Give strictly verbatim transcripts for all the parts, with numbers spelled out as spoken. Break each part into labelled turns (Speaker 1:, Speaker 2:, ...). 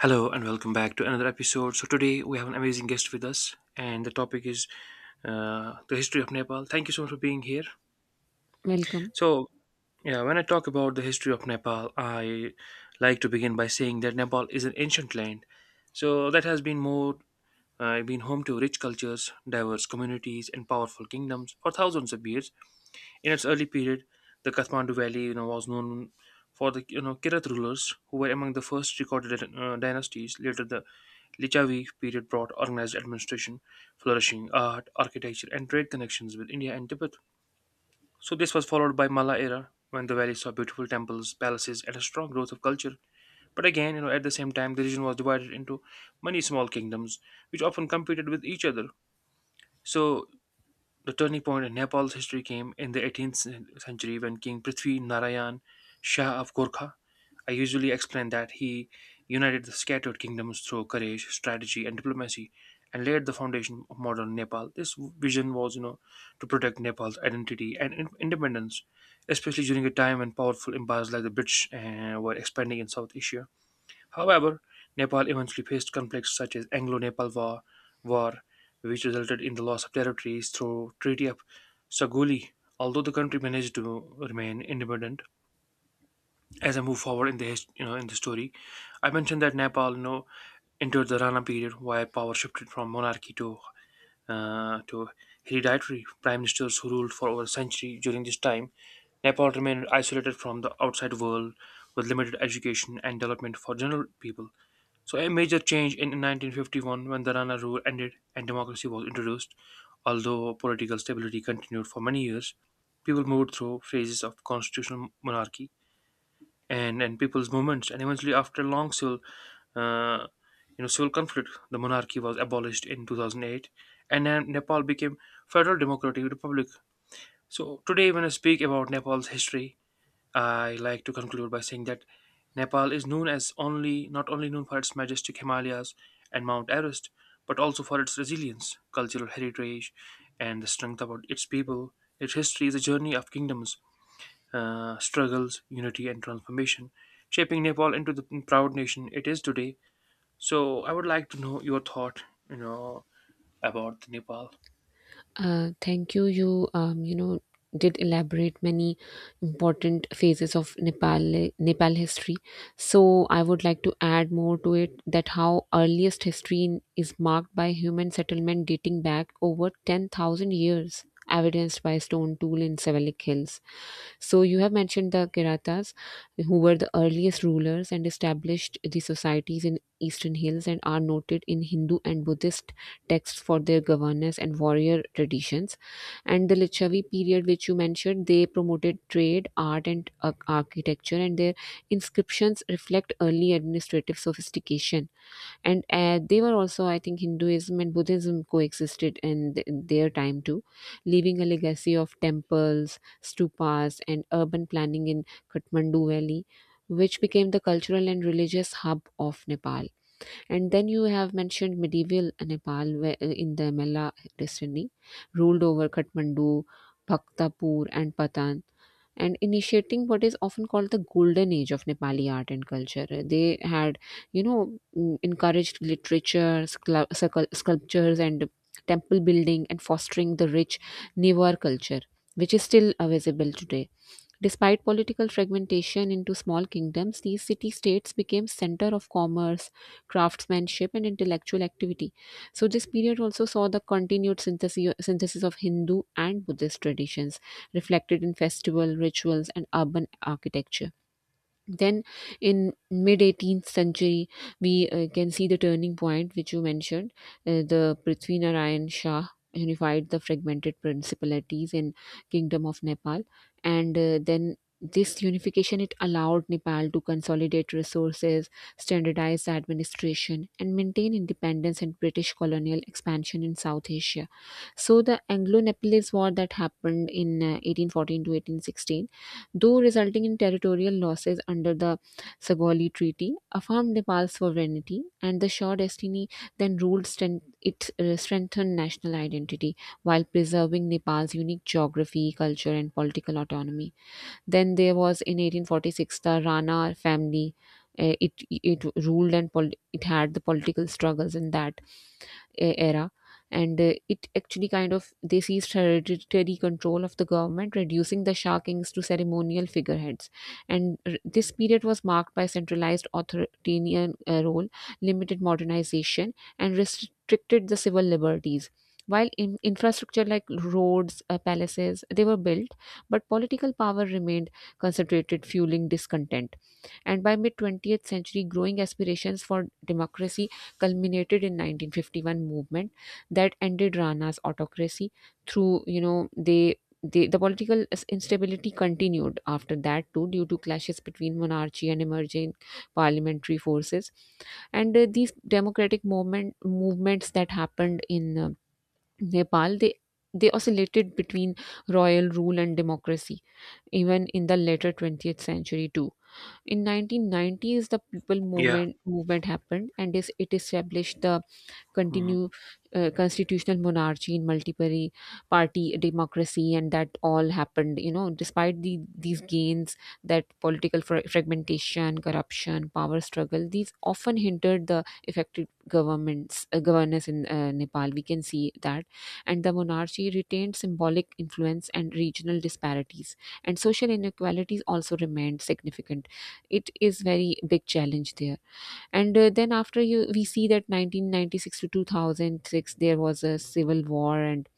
Speaker 1: Hello and welcome back to another episode. So today we have an amazing guest with us, and the topic is uh, the history of Nepal. Thank you so much for being here.
Speaker 2: Welcome.
Speaker 1: So yeah, when I talk about the history of Nepal, I like to begin by saying that Nepal is an ancient land, so that has been more uh, been home to rich cultures, diverse communities, and powerful kingdoms for thousands of years. In its early period, the Kathmandu Valley you know, was known for the you know Kirat rulers who were among the first recorded uh, dynasties. Later, the Lichavi period brought organized administration, flourishing art, architecture, and trade connections with India and Tibet. So this was followed by Malla era, when the valley saw beautiful temples, palaces, and a strong growth of culture. But again, you know, at the same time, the region was divided into many small kingdoms, which often competed with each other. So the turning point in Nepal's history came in the eighteenth century when King Prithvi Narayan Shah of Gorkha, I usually explain that he united the scattered kingdoms through courage, strategy, and diplomacy, and laid the foundation of modern Nepal. This vision was you know, to protect Nepal's identity and in- independence, especially during a time when powerful empires like the British uh, were expanding in South Asia. However, Nepal eventually faced conflicts such as Anglo-Nepal War, War, which resulted in the loss of territories through Treaty of Saguli. Although the country managed to remain independent, as I move forward in the his- you know in the story, I mentioned that Nepal you know entered the Rana period, where power shifted from monarchy to uh, to hereditary prime ministers who ruled for over a century. During this time, Nepal remained isolated from the outside world with limited education and development for general people. So a major change in nineteen fifty-one when the Rana rule ended and democracy was introduced. Although political stability continued for many years, people moved through phases of constitutional monarchy and and people's movements. And eventually, after a long civil uh, you know civil conflict, the monarchy was abolished in two thousand eight, and then Nepal became Federal Democratic Republic. So today, when I speak about Nepal's history, I like to conclude by saying that Nepal is known as only not only known for its majestic Himalayas and Mount Everest, but also for its resilience, cultural heritage, and the strength of its people. Its history is a journey of kingdoms uh, struggles, unity, and transformation, shaping Nepal into the proud nation it is today. So I would like to know your thought you know, about Nepal.
Speaker 2: Uh, thank you. You, um, you know, did elaborate many important phases of Nepal Nepal history. So I would like to add more to it that how earliest history in, is marked by human settlement dating back over ten thousand years, evidenced by stone tool in Sevelic Hills. So you have mentioned the Kiratas, who were the earliest rulers and established the societies in eastern hills, and are noted in Hindu and Buddhist texts for their governance and warrior traditions. And the Lichavi period, which you mentioned, they promoted trade, art, and uh, architecture, and their inscriptions reflect early administrative sophistication, and uh, they were also I think Hinduism and Buddhism coexisted in, th- their time too, leaving a legacy of temples, stupas, and urban planning in Kathmandu Valley, which became the cultural and religious hub of Nepal. And then you have mentioned medieval Nepal, where, uh, in the Mela dynasty ruled over Kathmandu, Bhaktapur, and Patan, and initiating what is often called the golden age of Nepali art and culture. They had, you know, mm, encouraged literature, sclu- sculp- sculptures, and temple building, and fostering the rich Newar culture, which is still uh, visible today. Despite political fragmentation into small kingdoms, these city states became center of commerce, craftsmanship, and intellectual activity. So this period also saw the continued synthesis synthesis of Hindu and Buddhist traditions, reflected in festival rituals and urban architecture. Then in mid eighteenth century, we uh, can see the turning point which you mentioned, uh, the Prithvi Narayan Shah unified the fragmented principalities in kingdom of Nepal. And uh, then this unification, it allowed Nepal to consolidate resources, standardize administration, and maintain independence and British colonial expansion in South Asia. So the Anglo-Nepalese War that happened in uh, eighteen fourteen to eighteen sixteen, though resulting in territorial losses under the Sagauli Treaty, affirmed Nepal's sovereignty, and the Shaw dynasty then ruled strength, it uh, strengthened national identity while preserving Nepal's unique geography, culture, and political autonomy. Then there was in eighteen forty-six the Rana family. Uh, it it ruled and pol- it had the political struggles in that e- era, and uh, it actually kind of they seized hereditary control of the government, reducing the Shah kings to ceremonial figureheads. And r- this period was marked by centralized authoritarian uh, role, limited modernization, and restricted the civil liberties, while in infrastructure like roads, uh, palaces they were built, but political power remained concentrated, fueling discontent. And by mid twentieth century, growing aspirations for democracy culminated in nineteen fifty-one movement that ended Rana's autocracy, through you know they the, the political is- instability continued after that too, due to clashes between monarchy and emerging parliamentary forces. And uh, these democratic movement movements that happened in uh, Nepal, they they oscillated between royal rule and democracy, even in the later twentieth century too. In nineteen nineties, the people
Speaker 1: Yeah.
Speaker 2: movement movement happened, and is, it established the
Speaker 1: Mm-hmm.
Speaker 2: continue uh, constitutional monarchy in multiple party democracy, and that all happened, you know despite the these gains, that political fra- fragmentation, corruption, power struggle, these often hindered the effective governments uh, governance in uh, Nepal, we can see that. And the monarchy retained symbolic influence, and regional disparities and social inequalities also remained significant. It is very big challenge there. And uh, then after you, we see that nineteen ninety-six to two thousand six, there was a civil war, and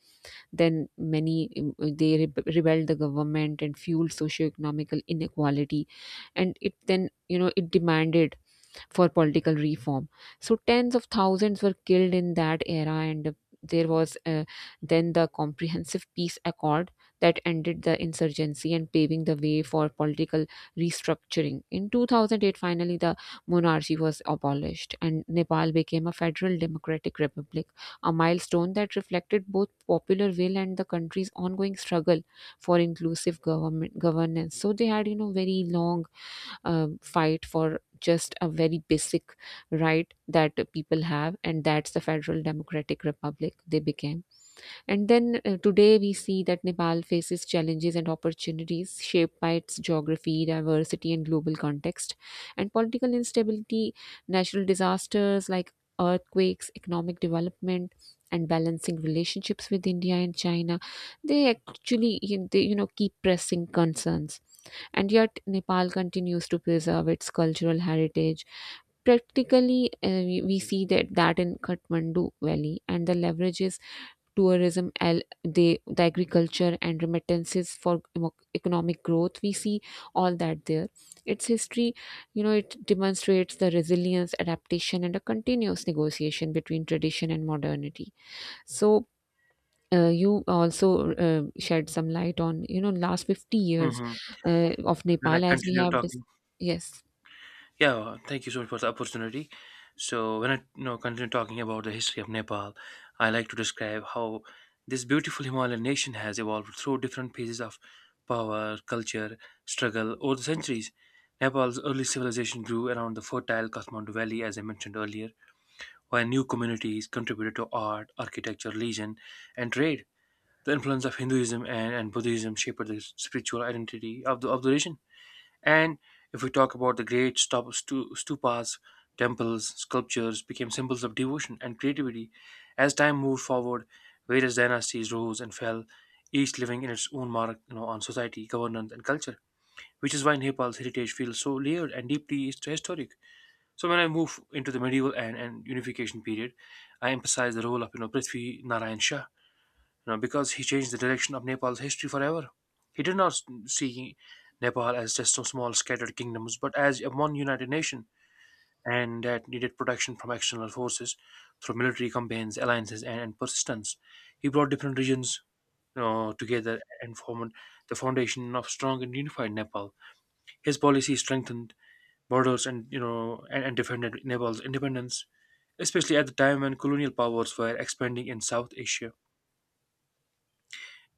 Speaker 2: then many um, they rebe- rebelled the government and fueled socio-economical inequality, and it then you know it demanded for political reform. So tens of thousands were killed in that era, and there was, uh, then the Comprehensive Peace Accord that ended the insurgency and paving the way for political restructuring. In two thousand eight, finally, the monarchy was abolished, and Nepal became a federal democratic republic, a milestone that reflected both popular will and the country's ongoing struggle for inclusive government governance. So they had, you know, very long um, fight for just a very basic right that people have, and that's the federal democratic republic they became. And then uh, today we see that Nepal faces challenges and opportunities shaped by its geography, diversity, and global context, and political instability, natural disasters like earthquakes, economic development, and balancing relationships with India and China, they actually you know, they, you know keep pressing concerns. And yet, Nepal continues to preserve its cultural heritage. Practically, uh, we, we see that, that in Kathmandu Valley, and the leverages tourism, el- the, the agriculture, and remittances for emo- economic growth. We see all that there. Its history, you know, it demonstrates the resilience, adaptation, and a continuous negotiation between tradition and modernity. So, uh, you also uh, shed some light on you know last fifty years
Speaker 1: Mm-hmm.
Speaker 2: uh, of
Speaker 1: When I
Speaker 2: Nepal, as we
Speaker 1: continue
Speaker 2: have dis-
Speaker 1: talking.
Speaker 2: yes
Speaker 1: Yeah, thank you so much for the opportunity. So, when I you know, continue talking about the history of Nepal, I like to describe how this beautiful Himalayan nation has evolved through different phases of power, culture, struggle over the centuries. Nepal's early civilization grew around the fertile Kathmandu Valley, as I mentioned earlier, where new communities contributed to art, architecture, religion, and trade. The influence of Hinduism and, and Buddhism shaped the spiritual identity of the, of the region. And if we talk about the great stup- stu- stupas, temples, sculptures became symbols of devotion and creativity. As time moved forward, various dynasties rose and fell, each leaving in its own mark you know, on society, governance, and culture. Which is why Nepal's heritage feels so layered and deeply hist- historic. So when I move into the medieval and, and unification period, I emphasize the role of you know Prithvi Narayan Shah, you know, because he changed the direction of Nepal's history forever. He did not see Nepal as just some small scattered kingdoms, but as a one united nation, and that needed protection from external forces through military campaigns, alliances, and, and persistence. He brought different regions you know, together and formed the foundation of strong and unified Nepal. His policy strengthened borders and you know and, and defended Nepal's independence, especially at the time when colonial powers were expanding in South Asia.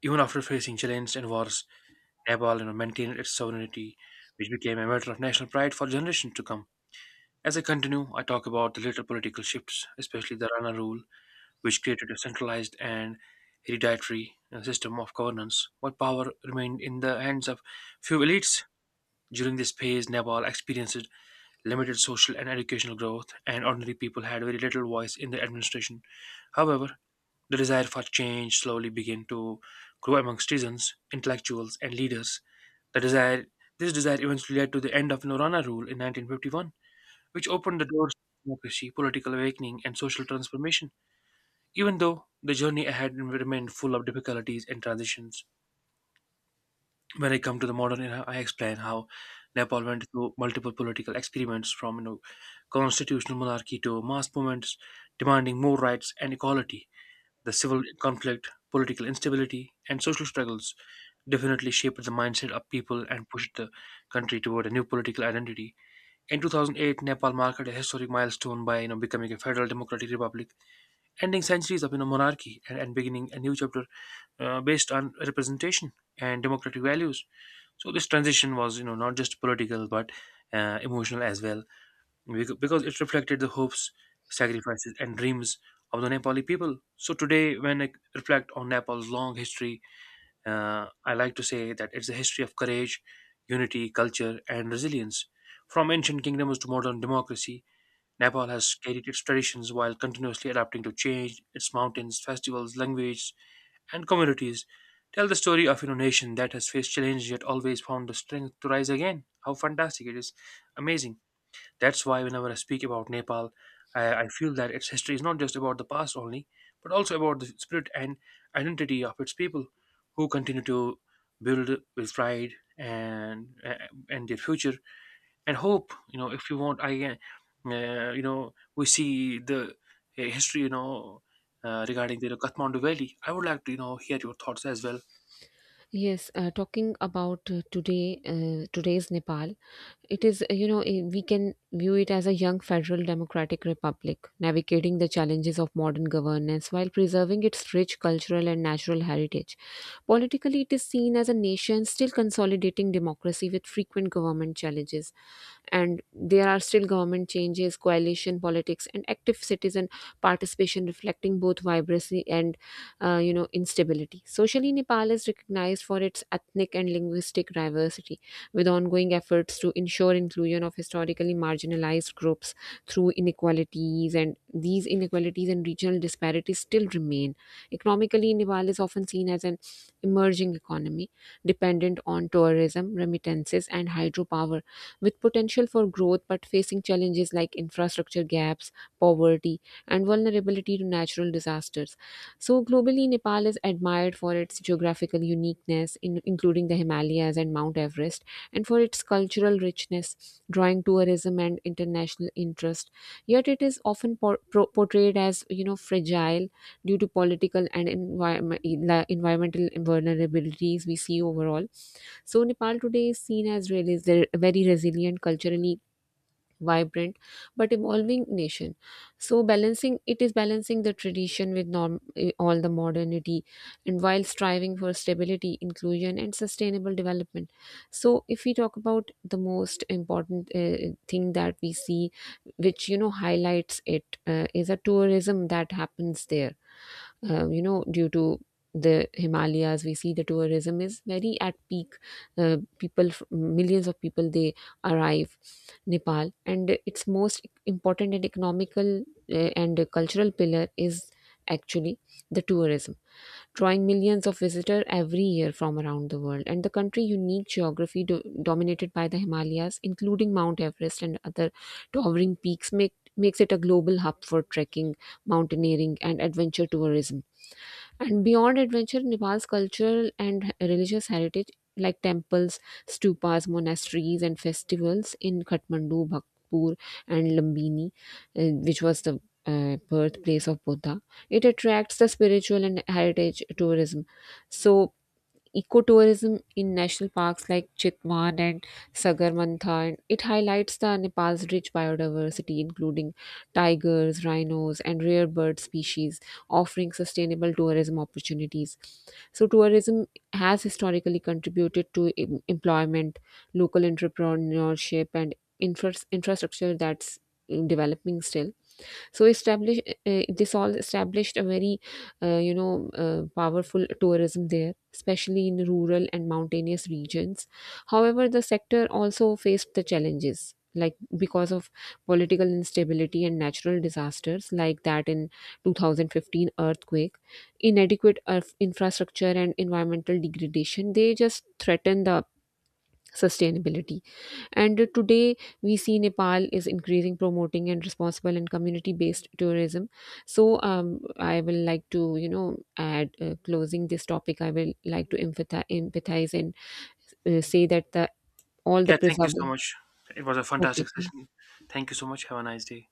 Speaker 1: Even after facing challenges and wars, Nepal you know, maintained its sovereignty, which became a matter of national pride for generations to come. As I continue, I talk about the later political shifts, especially the Rana rule, which created a centralized and hereditary uh, system of governance, while power remained in the hands of few elites. During this phase, Nepal experienced limited social and educational growth, and ordinary people had very little voice in the administration. However, the desire for change slowly began to grow amongst citizens, intellectuals, and leaders. The desire, this desire eventually led to the end of Norana rule in nineteen fifty-one, which opened the doors to democracy, political awakening, and social transformation, even though the journey ahead remained full of difficulties and transitions. When I come to the modern era, I explain how Nepal went through multiple political experiments from you know, constitutional monarchy to mass movements demanding more rights and equality. The civil conflict, political instability, and social struggles definitely shaped the mindset of people and pushed the country toward a new political identity. In two thousand eight, Nepal marked a historic milestone by you know becoming a federal democratic republic, ending centuries of you know monarchy and, and beginning a new chapter uh, based on representation and democratic values. So this transition was you know not just political but uh, emotional as well, becau- because it reflected the hopes, sacrifices, and dreams of the Nepali people. So today, when I reflect on Nepal's long history, uh, I like to say that it's a history of courage, unity, culture, and resilience. From ancient kingdoms to modern democracy, Nepal has carried its traditions while continuously adapting to change. Its mountains, festivals, language, and communities tell the story of a nation that has faced challenges yet always found the strength to rise again. How fantastic it is! Amazing. That's why whenever I speak about Nepal, I, I feel that its history is not just about the past only, but also about the spirit and identity of its people, who continue to build with pride and and their future and hope. You know if you want I uh, uh, you know We see the uh, history you know uh, regarding the Kathmandu Valley. I would like to you know hear your thoughts as well.
Speaker 2: yes uh, Talking about uh, today uh, today's Nepal, it is uh, you know eh, we can view it as a young federal democratic republic navigating the challenges of modern governance while preserving its rich cultural and natural heritage. Politically, it is seen as a nation still consolidating democracy, with frequent government challenges, and there are still government changes, coalition politics, and active citizen participation reflecting both vibrancy and uh, you know instability. Socially, Nepal is recognized for its ethnic and linguistic diversity, with ongoing efforts to ensure inclusion of historically marginalized groups, through inequalities and these inequalities and regional disparities still remain. Economically, Nepal is often seen as an emerging economy, dependent on tourism, remittances, and hydropower, with potential for growth, but facing challenges like infrastructure gaps, poverty, and vulnerability to natural disasters. So, globally, Nepal is admired for its geographical uniqueness, in, including the Himalayas and Mount Everest, and for its cultural richness, drawing tourism and international interest. Yet, it is often por- pro- portrayed as, you know fragile, due to political and environment, environmental vulnerabilities, we see overall. So Nepal today is seen as really is a very resilient, culturally vibrant, but evolving nation. So balancing, it is balancing the tradition with norm, eh, all the modernity, and while striving for stability, inclusion, and sustainable development. So if we talk about the most important uh, thing that we see, which, you know highlights it, uh, is a tourism that happens there, um, you know, due to the Himalayas, we see the tourism is very at peak. Uh, people, f- millions of people, they arrive Nepal, and its most important and economical uh, and cultural pillar is actually the tourism, drawing millions of visitors every year from around the world. And the country unique geography, do- dominated by the Himalayas, including Mount Everest and other towering peaks, make makes it a global hub for trekking, mountaineering, and adventure tourism. And beyond adventure, Nepal's cultural and religious heritage, like temples, stupas, monasteries, and festivals in Kathmandu, Bhaktapur, and Lumbini, uh, which was the uh, birthplace of Buddha, it attracts the spiritual and heritage tourism. So, ecotourism in national parks like Chitwan and Sagarmantha, and it highlights the Nepal's rich biodiversity, including tigers, rhinos, and rare bird species, offering sustainable tourism opportunities. So, tourism has historically contributed to em- employment, local entrepreneurship, and infras- infrastructure that's, mm, developing still. So establish uh, this all established a very uh, you know uh, powerful tourism there, especially in rural and mountainous regions. However, the sector also faced the challenges, like because of political instability and natural disasters like that in twenty fifteen earthquake, inadequate earth infrastructure and environmental degradation, they just threaten the sustainability and uh, today we see Nepal is increasing, promoting, and responsible and community-based tourism. So um, I will like to, you know, add, uh, closing this topic. I will like to empathize, empathize and uh, say that the all the
Speaker 1: Yeah, thank you so
Speaker 2: preserving.
Speaker 1: much. It was a
Speaker 2: Okay.
Speaker 1: fantastic session. Thank you so much. Have a nice day.